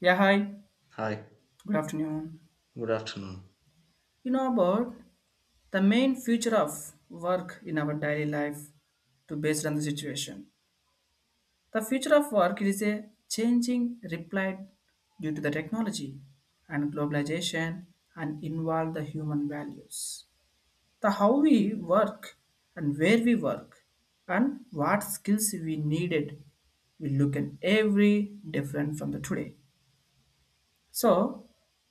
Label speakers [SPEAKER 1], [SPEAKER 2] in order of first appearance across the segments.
[SPEAKER 1] Yeah, hi.
[SPEAKER 2] Hi,
[SPEAKER 1] Good afternoon.
[SPEAKER 2] good afternoon.
[SPEAKER 1] You know about the main future of work in our daily life to based on the situation. The future of work is a changing reply due to the technology and globalization and involve the human values. The how we work and where we work and what skills we needed we look at every different from the today. So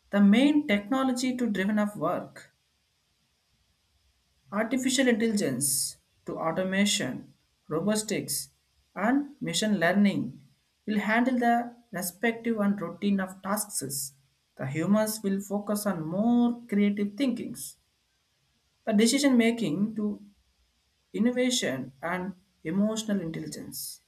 [SPEAKER 1] the main technology to driven of work, artificial intelligence to automation, robotics, and machine learning will handle the respective and routine of tasks. The humans will focus on more creative thinkings, the decision making to innovation and emotional intelligence.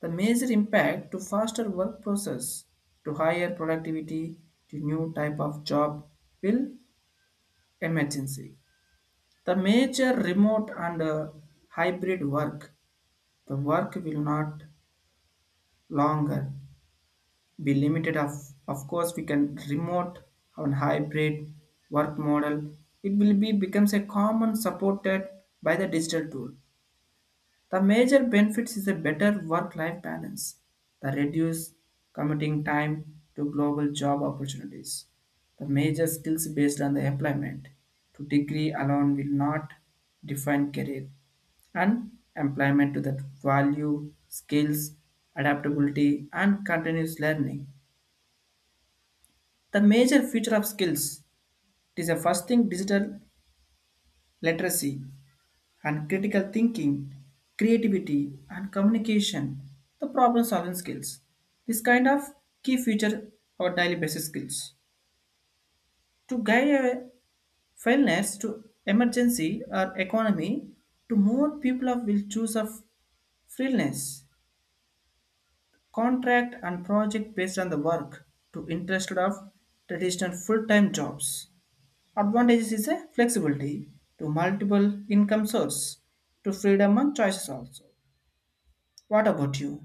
[SPEAKER 1] The major impact to faster work process, to higher productivity, to new type of job will emergency. The major remote and hybrid work, the work will not longer be limited. Of course, we can remote and hybrid work model. It will be becomes a common supported by the digital tool. The major benefits is a better work-life balance, the reduced commuting time to global job opportunities, the major skills based on the employment. To degree alone will not define career, and employment to that value, skills, adaptability, and continuous learning. The major future of skills, it is a first thing digital literacy and critical thinking, creativity, and communication, the problem solving skills. This kind of key feature our daily basis skills. To guide a fairness to emergency or economy, to more people of will choose of freelance, contract and project based on the work to interest of traditional full-time jobs. Advantages is a flexibility to multiple income source to freedom and choices also. What about you?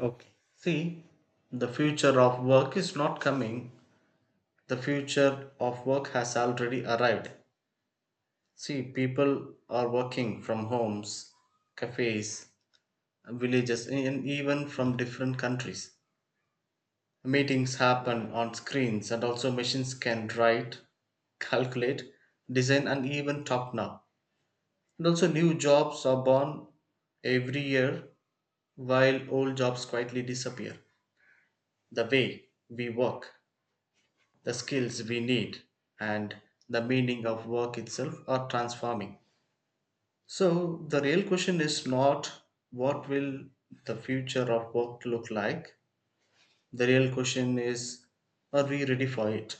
[SPEAKER 2] Okay. See, the future of work is not coming. The future of work has already arrived. See, people are working from homes, cafes, villages, and even from different countries. Meetings happen on screens, and also machines can write, calculate, design, and even talk now. And also, new jobs are born every year while old jobs quietly disappear. The way we work, the skills we need, and the meaning of work itself are transforming. So, the real question is not what will the future of work look like? The real question is, are we ready for it?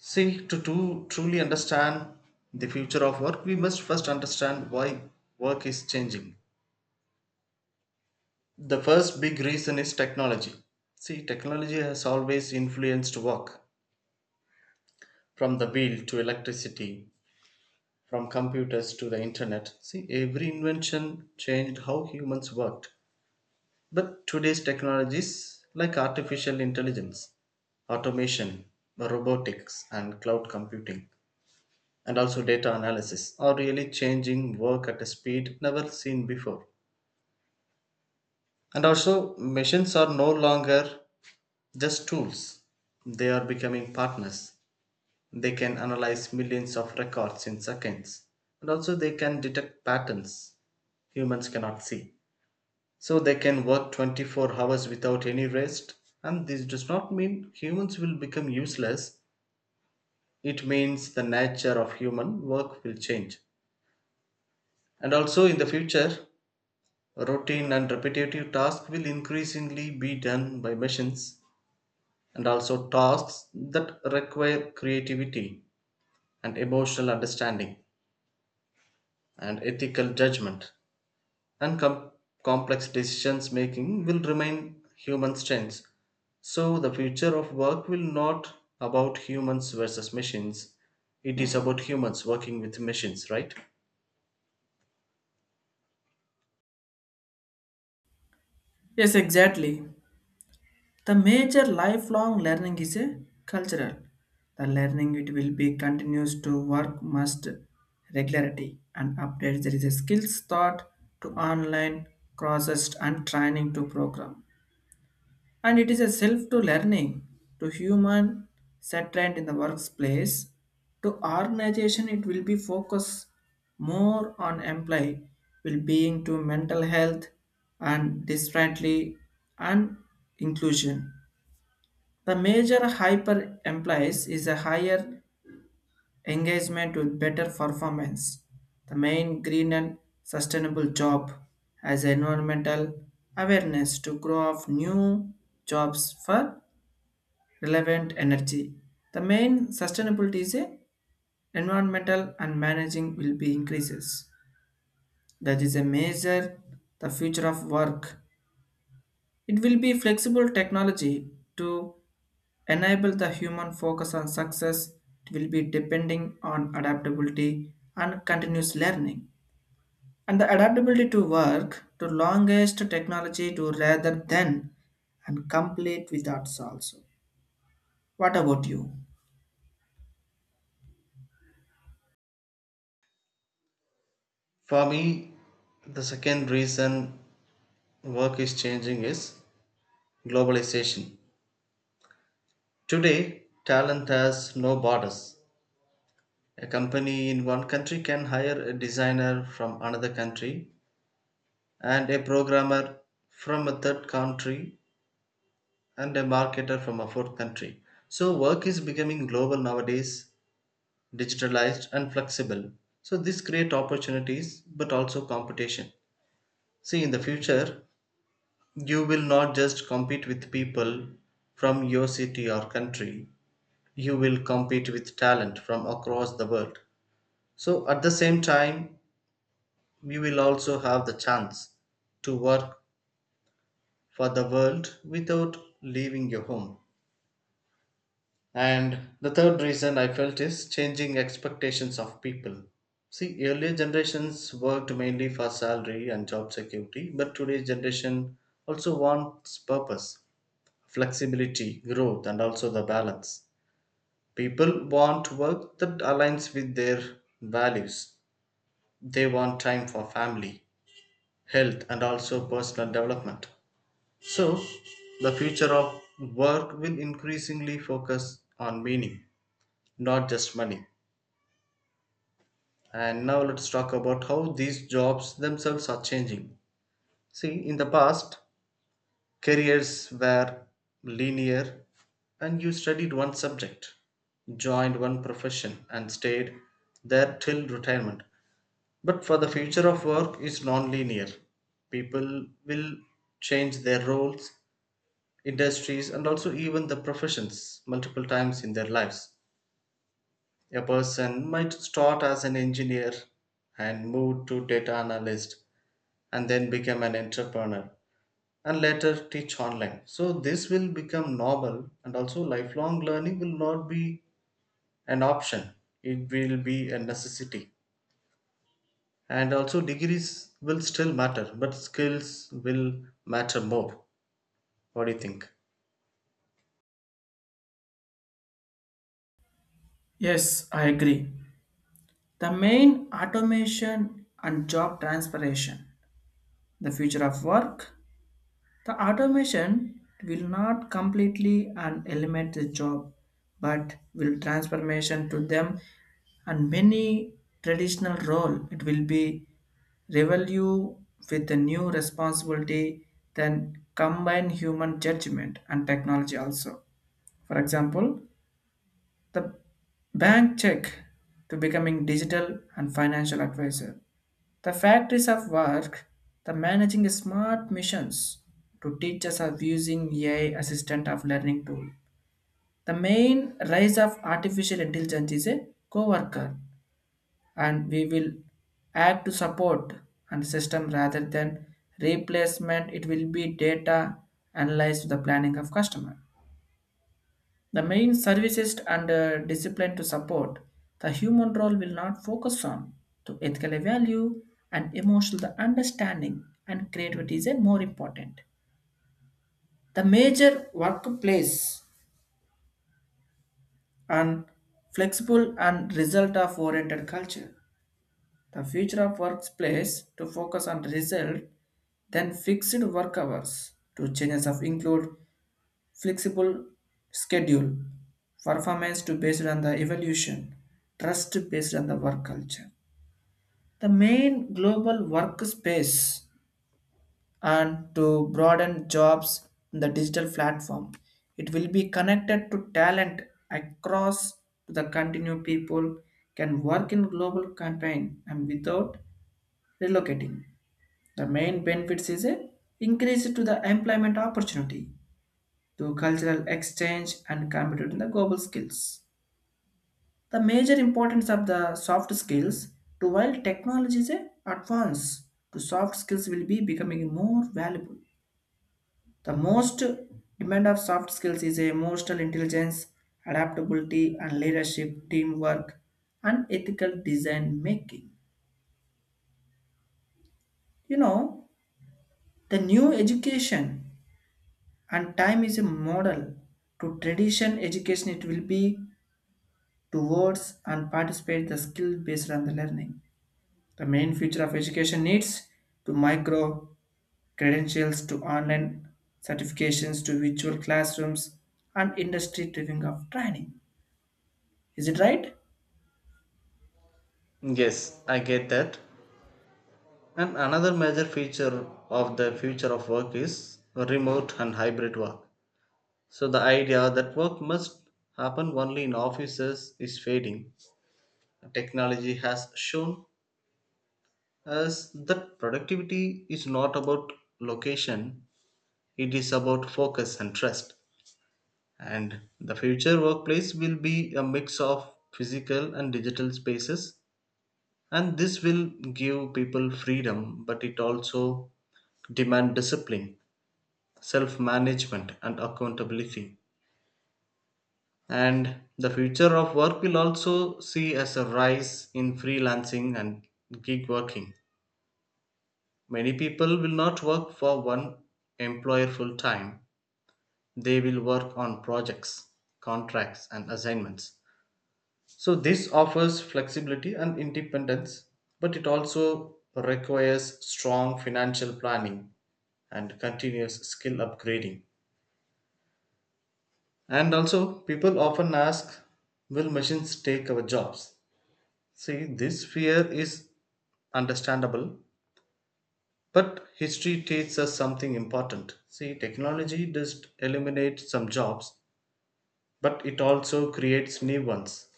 [SPEAKER 2] See, to truly understand the future of work, we must first understand why work is changing. The first big reason is technology. See, technology has always influenced work, from the wheel to electricity, from computers to the internet. See, every invention changed how humans worked. But today's technologies like artificial intelligence, automation, robotics, and cloud computing, and also data analysis are really changing work at a speed never seen before. And also, machines are no longer just tools, they are becoming partners. They can analyze millions of records in seconds, and also they can detect patterns humans cannot see. So they can work 24 hours without any rest. And this does not mean humans will become useless. It means the nature of human work will change. And also in the future, routine and repetitive tasks will increasingly be done by machines, and also tasks that require creativity and emotional understanding and ethical judgment and complex decisions making will remain human strengths. So the future of work will not about humans versus machines, it is about humans working with machines, right?
[SPEAKER 1] Yes, exactly. The major lifelong learning is a cultural. The learning it will be continues to work must regularity and updates. There is a skills thought to online courses and training to program, and it is a self to learning to human settlement in the workplace to organization. It will be focus more on employee will being to mental health and differently and inclusion. The major hyper implies is a higher engagement with better performance. The main green and sustainable job, as environmental awareness to grow of new jobs for relevant energy. The main sustainability is a environmental and managing will be increases. That is a major the future of work. It will be flexible technology to enable the human focus on success. It will be depending on adaptability and continuous learning. And the adaptability to work to longest technology to rather than and complete without also. What about you?
[SPEAKER 2] For me, the second reason work is changing is globalization. Today talent has no borders. A company in one country can hire a designer from another country, and a programmer from a third country, and a marketer from a fourth country. So work is becoming global nowadays, digitalized and flexible. So this create opportunities but also competition. See, in the future you will not just compete with people from your city or country. You will compete with talent from across the world. So at the same time you will also have the chance to work for the world without leaving your home. And the third reason I felt is changing expectations of people. See, earlier generations worked mainly for salary and job security, but today's generation also wants purpose, flexibility, growth, and also the balance. People want work that aligns with their values. They want time for family, health, and also personal development. So, the future of work will increasingly focus on meaning, not just money. And now let's talk about how these jobs themselves are changing. See, in the past, careers were linear and you studied one subject, joined one profession, and stayed there till retirement. But for the future of work is non-linear. People will change their roles, industries, and also even the professions multiple times in their lives. A person might start as an engineer and move to data analyst and then become an entrepreneur and later teach online. So this will become normal and also lifelong learning will not be an option. It will be a necessity. And also degrees will still matter, but skills will matter more. What do you think?
[SPEAKER 1] Yes, I agree. The main automation and job transpiration. The future of work. The automation will not completely and eliminate the job, but will transformation to them, and many traditional role. It will be revalue with the new responsibility, then combine human judgment and technology also. For example, the bank check to becoming digital and financial advisor. The factories of work, the managing smart missions to teachers of using AI assistant of learning tool. The main rise of artificial intelligence is a co-worker, and we will add to support and system rather than replacement. It will be data analyzed to the planning of customer. The main services and discipline to support the human role will not focus on to ethical value, and emotional understanding and creativity is a more important. The major workplace and flexible and result of oriented culture. The future of workplace to focus on result than fixed work hours. To changes of include flexible schedule, performance to based on the evolution, trust based on the work culture. The main global workspace and to broaden jobs in the digital platform. It will be connected to talent across to the continue. People can work in global campaign and without relocating. The main benefits is a increase to the employment opportunity, to cultural exchange and computing the global skills. The major importance of the soft skills to while technology is a advance, to soft skills will be becoming more valuable. The most demand of soft skills is emotional intelligence, adaptability and leadership, teamwork and ethical design making. You know, the new education and time is a model to tradition education. It will be towards and participate the skill based on the learning. The main future of education needs to micro credentials to online certifications to virtual classrooms and industry driven of training. Is it right?
[SPEAKER 2] Yes, I get that. And another major feature of the future of work is remote and hybrid work. So the idea that work must happen only in offices is fading. Technology has shown us that productivity is not about location, it is about focus and trust. And the future workplace will be a mix of physical and digital spaces, and this will give people freedom, but it also demand discipline, self management, and accountability. And the future of work will also see as a rise in freelancing and gig working. Many people will not work for one employer full time. They will work on projects, contracts, and assignments. So, this offers flexibility and independence, but it also requires strong financial planning and continuous skill upgrading. And also, people often ask, will machines take our jobs? See, this fear is understandable. But history teaches us something important. See, technology does eliminate some jobs, but it also creates new ones.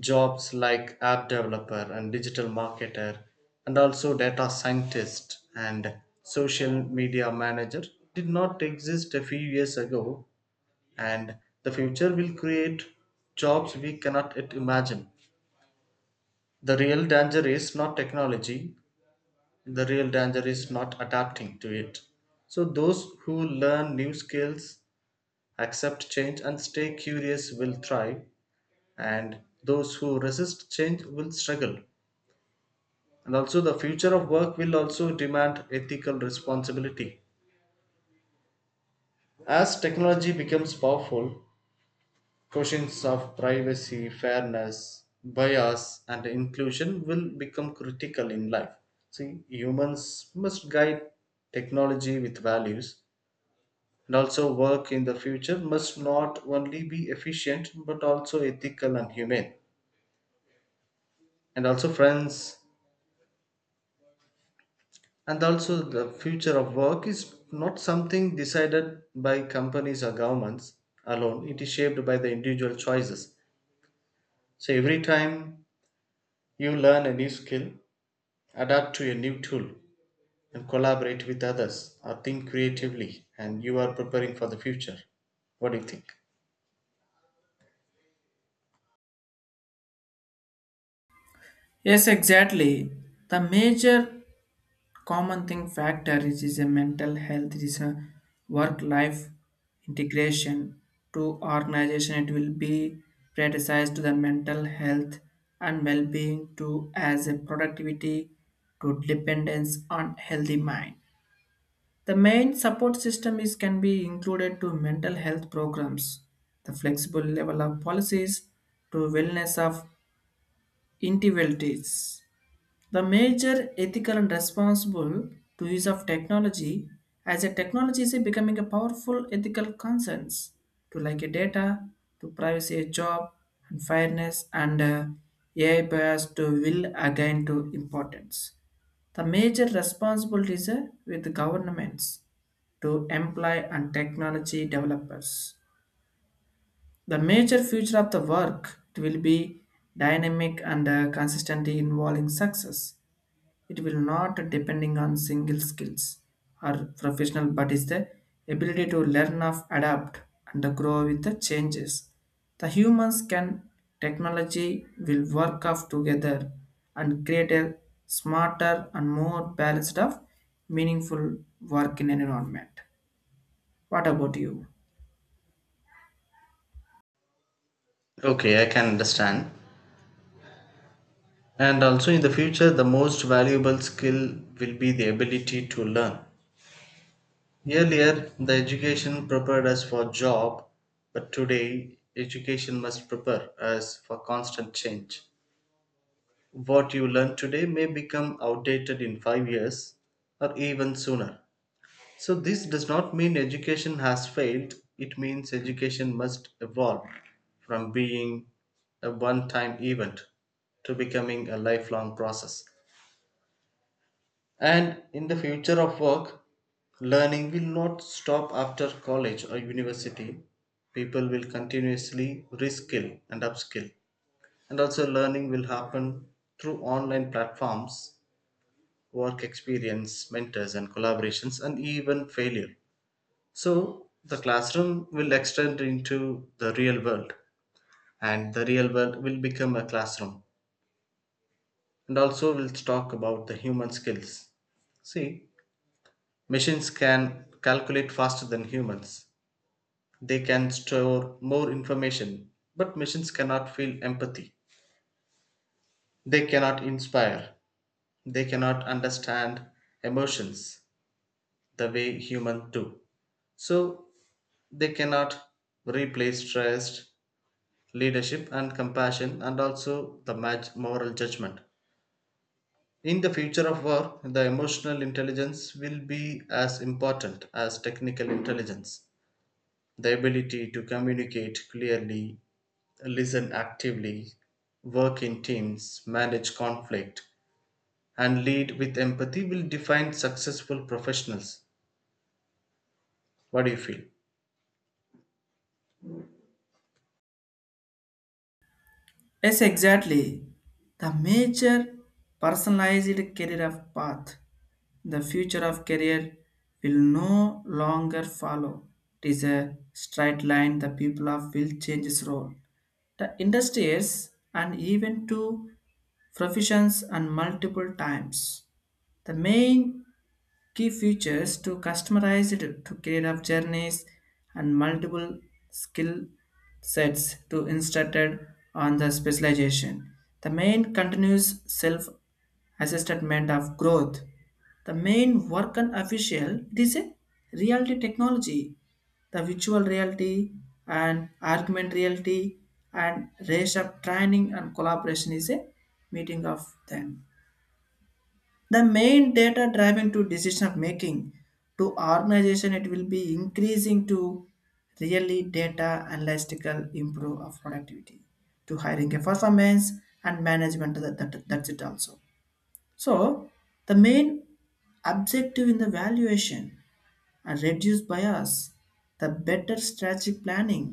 [SPEAKER 2] Jobs like app developer and digital marketer, and also data scientist and social media manager did not exist a few years ago, and the future will create jobs we cannot yet imagine. The real danger is not technology, the real danger is not adapting to it. So, those who learn new skills, accept change, and stay curious will thrive, and those who resist change will struggle. And also, the future of work will also demand ethical responsibility. As technology becomes powerful, questions of privacy, fairness, bias, and inclusion will become critical in life. See, humans must guide technology with values. And also, work in the future must not only be efficient but also ethical and humane. And also, friends, and also the future of work is not something decided by companies or governments alone, it is shaped by the individual choices. So, every time you learn a new skill, adapt to a new tool, and collaborate with others or think creatively, and you are preparing for the future. What do you think?
[SPEAKER 1] Yes, exactly. The major common thing factor is a mental health. It is a work life integration to organization. It will be prioritized to the mental health and well-being, to as a productivity to dependence on healthy mind. The main support system is can be included to mental health programs, the flexible level of policies to wellness of individuals. The major ethical and responsible to use of technology, as a technology is becoming a powerful ethical concerns to like a data, to privacy, a job, and fairness, and AI bias to will again to importance. The major responsibilities are with governments to employ and technology developers. The major future of the work will be dynamic and consistently involving success. It will not depending on single skills or professional, but is the ability to learn of adapt and grow with the changes. The humans can technology will work off together and create a smarter and more balanced of meaningful work in an environment. What about you?
[SPEAKER 2] Okay, I can understand. And also in the future, the most valuable skill will be the ability to learn. Earlier, the education prepared us for job, but today education must prepare us for constant change. What you learn today may become outdated in five years or even sooner. So this does not mean education has failed. It means education must evolve from being a one-time event to becoming a lifelong process. And in the future of work, learning will not stop after college or university. People will continuously reskill and upskill. And also, learning will happen through online platforms, work experience, mentors, and collaborations, and even failure. So, the classroom will extend into the real world, and the real world will become a classroom. And also, we'll talk about the human skills. See, machines can calculate faster than humans. They can store more information, but machines cannot feel empathy. They cannot inspire. They cannot understand emotions the way humans do. So they cannot replace trust, leadership, and compassion, and also the moral judgment. In the future of work, the emotional intelligence will be as important as technical intelligence. The ability to communicate clearly, listen actively, work in teams, manage conflict, and lead with empathy will define successful professionals. What do you feel?
[SPEAKER 1] Yes, exactly. The major personalized career of path. The future of career will no longer follow. It is a straight line. The people of will change its role, the industries and even to professions and multiple times. The main key features to customize it to create up journeys and multiple skill sets to instructed on the specialization. The main continuous self assessment of growth. The main work and official it is a reality technology, the virtual reality and argument reality and race up training and collaboration is a meeting of them. The main data driven to decision of making to organization. It will be increasing to really data analytical improve of productivity to hiring a performance and management, that's it also. So the main objective in the valuation and reduce bias, the better strategic planning,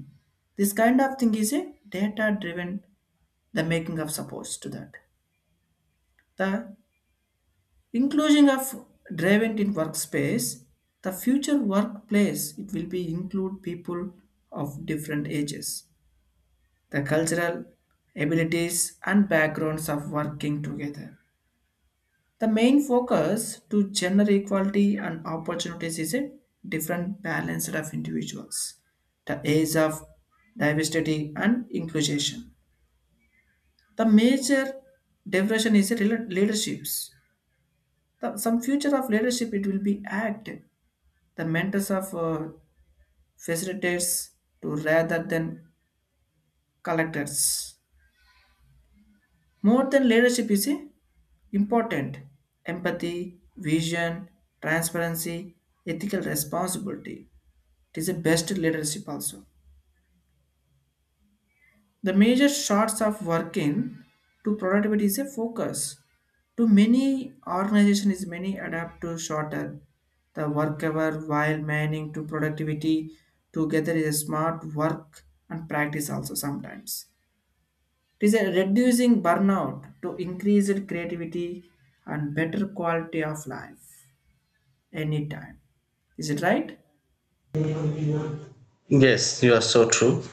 [SPEAKER 1] this kind of thing is a data driven, the making of supports to that, the inclusion of driven in workspace. The future workplace, it will be include people of different ages, the cultural abilities and backgrounds of working together. The main focus to gender equality and opportunities is a different balance of individuals, the age of diversity and inclusion. The major diversion is a leaderships. Some future of leadership it will be act, the mentors of facilitators to rather than collectors. More than leadership is important. Empathy, vision, transparency, ethical responsibility. It is the best leadership also. The major shorts of working to productivity is a focus. To many organization is many adapt to shorter the work hour while manning to productivity together is a smart work and practice also sometimes. It is a reducing burnout to increased creativity and better quality of life anytime. Is it right?
[SPEAKER 2] Yes, you are so true.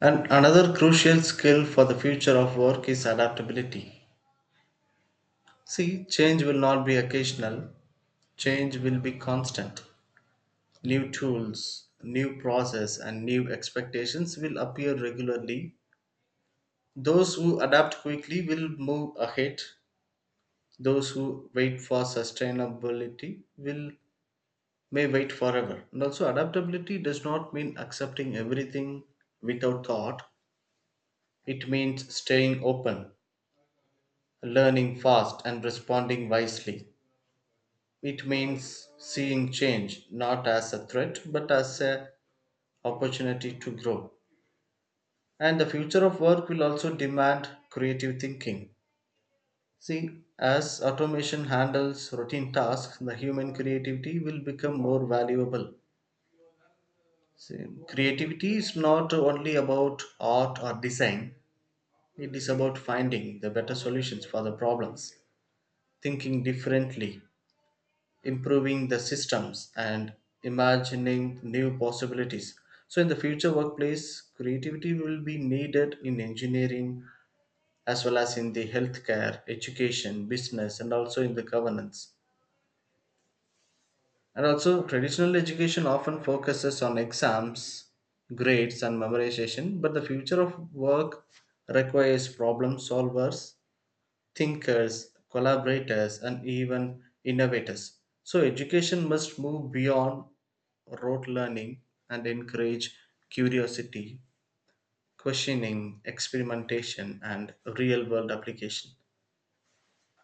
[SPEAKER 2] And another crucial skill for the future of work is adaptability. See, change will not be occasional, change will be constant. New tools, new process, and new expectations will appear regularly. Those who adapt quickly will move ahead. Those who wait for sustainability will may wait forever. And also adaptability does not mean accepting everything without thought. It means staying open, learning fast and responding wisely. It means seeing change not as a threat but as an opportunity to grow. And the future of work will also demand creative thinking. See, as automation handles routine tasks, the human creativity will become more valuable. See, creativity is not only about art or design, it is about finding the better solutions for the problems, thinking differently, improving the systems, and imagining new possibilities. So, in the future workplace, creativity will be needed in engineering as well as in the healthcare, education, business, and also in the governance. And also, traditional education often focuses on exams, grades, and memorization, but the future of work requires problem solvers, thinkers, collaborators, and even innovators. So, education must move beyond rote learning and encourage curiosity, questioning, experimentation, and real world application.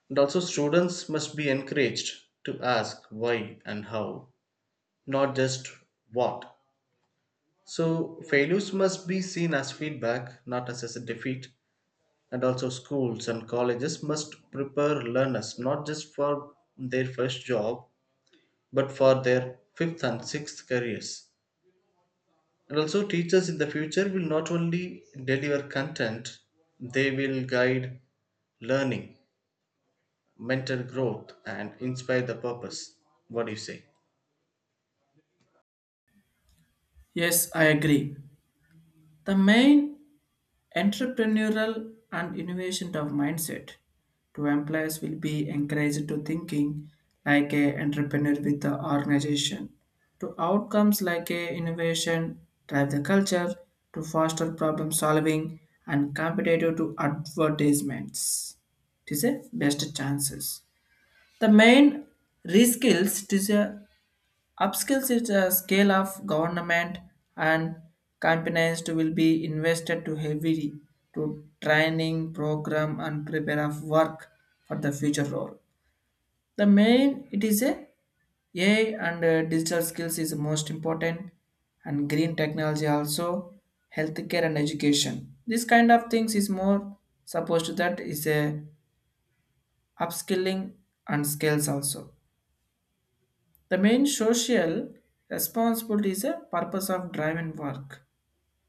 [SPEAKER 2] And also, students must be encouraged to ask why and how, not just what. So, failures must be seen as feedback, not as a defeat. And also, schools and colleges must prepare learners not just for their first job, but for their fifth and sixth careers. And also, teachers in the future will not only deliver content, they will guide learning, mental growth, and inspire the purpose. What do you say?
[SPEAKER 1] Yes, I agree. The main entrepreneurial and innovation of mindset to employees will be encouraged to thinking like a entrepreneur with the organization to outcomes like a innovation drive the culture to foster problem solving and competitive to advertisements. It is a best chances. The main reskills, it is a upskills is a scale of government and companies to will be invested to heavily to training program and prepare of work for the future role. The main it is a AI and digital skills is the most important, and green technology also, healthcare and education. This kind of things is more supposed to that is a upskilling and skills also. The main social responsibility is a purpose of driven work.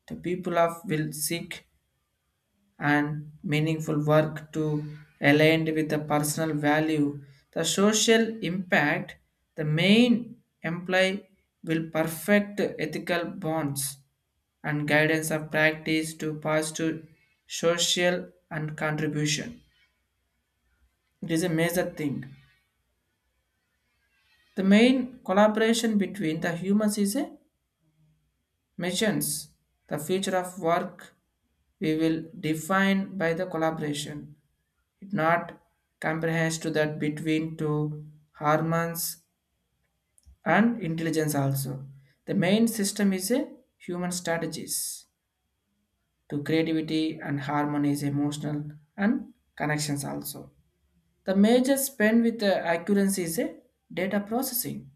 [SPEAKER 1] The people of will seek and meaningful work to aligned with the personal value. The social impact, the main employee will perfect ethical bonds and guidance of practice to positive social and contribution. It is a major thing. The main collaboration between the humans is a missions, the future of work we will define by the collaboration. It not comprehends to that between two hormones and intelligence also. The main system is a human strategies to creativity and harmony is emotional and connections also. The major spend with the accuracy is a data processing.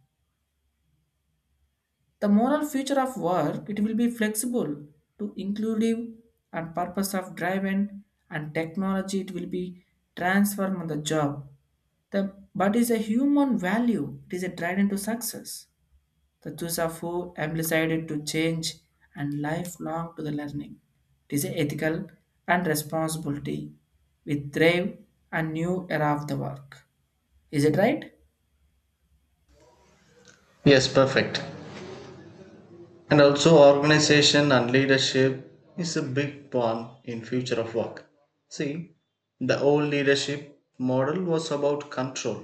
[SPEAKER 1] The moral future of work it will be flexible to inclusive and purpose of driven, and technology it will be transformed on the job. The but is a human value, it is a driven to success. The choice of who am decided to change and lifelong to the learning. It is a ethical and responsibility with brave and new era of the work. Is it right?
[SPEAKER 2] Yes, perfect. And also organization and leadership is a big one in future of work. See, the old leadership model was about control.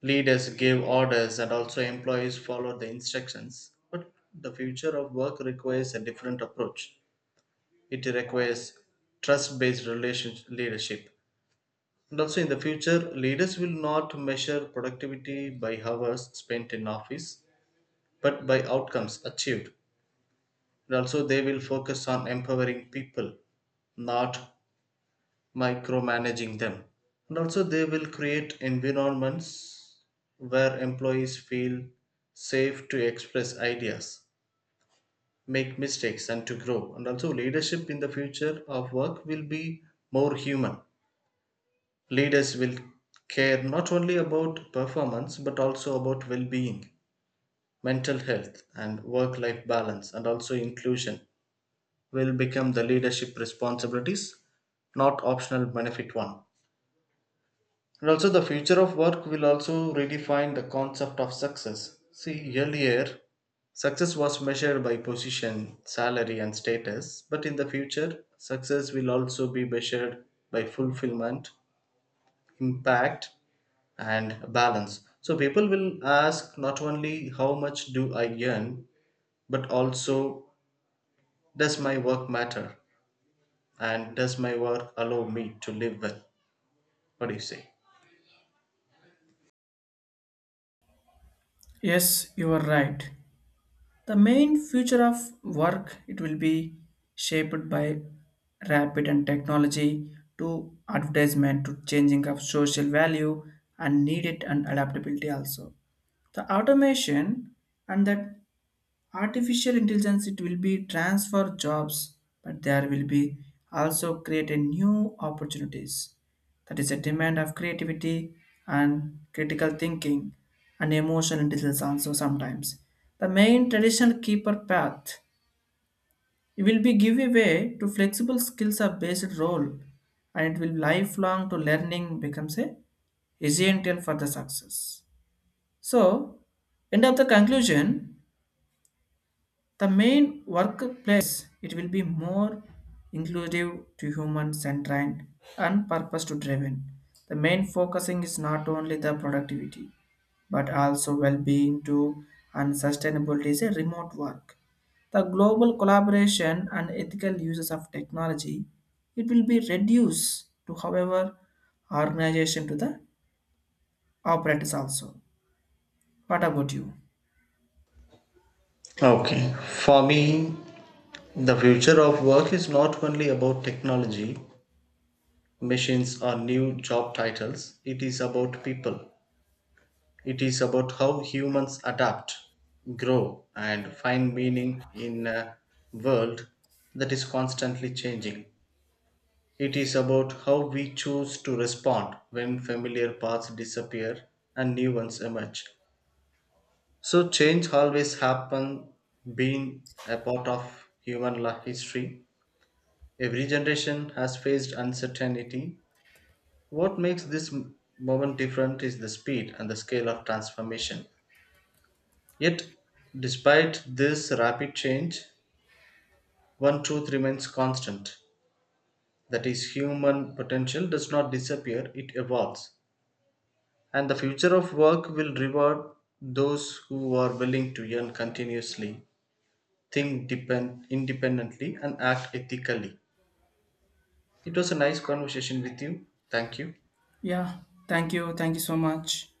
[SPEAKER 2] Leaders gave orders and also employees followed the instructions, but the future of work requires a different approach. It requires trust based relationship leadership. And also in the future, leaders will not measure productivity by hours spent in office, but by outcomes achieved. And also, they will focus on empowering people, not micromanaging them. And also, they will create environments where employees feel safe to express ideas, make mistakes, and to grow. And also, leadership in the future of work will be more human. Leaders will care not only about performance but also about well being, mental health, and work life balance, and also inclusion will become the leadership responsibilities, not optional benefit one. And also, the future of work will also redefine the concept of success. See, earlier, success was measured by position, salary, and status, but in the future, success will also be measured by fulfillment, impact, and balance. So, people will ask not only how much do I earn, but also does my work matter? And does my work allow me to live with? What do you say?
[SPEAKER 1] Yes, you are right. The main future of work it will be shaped by rapid and technology to advertisement to changing of social value and needed and adaptability also. The automation and that artificial intelligence it will be transfer jobs, but there will be also create a new opportunities that is a demand of creativity and critical thinking and emotional intelligence also sometimes. The main traditional keeper path it will be give away to flexible skills of basic role, and it will lifelong to learning becomes a essential for the success. So, end of the conclusion. The main workplace it will be more inclusive to human centered and purpose to driven. The main focusing is not only the productivity but also well-being too, and sustainability is a remote work. The global collaboration and ethical uses of technology it will be reduced to however organization to the operators also. What about you?
[SPEAKER 2] Okay. For me, the future of work is not only about technology, machines, or new job titles, it is about people. It is about how humans adapt, grow, and find meaning in a world that is constantly changing. It is about how we choose to respond when familiar paths disappear and new ones emerge. So change always happen being a part of human history. Every generation has faced uncertainty. What makes this moment different is the speed and the scale of transformation. Yet, despite this rapid change, one truth remains constant, that is, human potential does not disappear, it evolves. And the future of work will reward those who are willing to learn continuously, think depend independently and act ethically. It was a nice conversation with you. Thank you.
[SPEAKER 1] Yeah, thank you so much.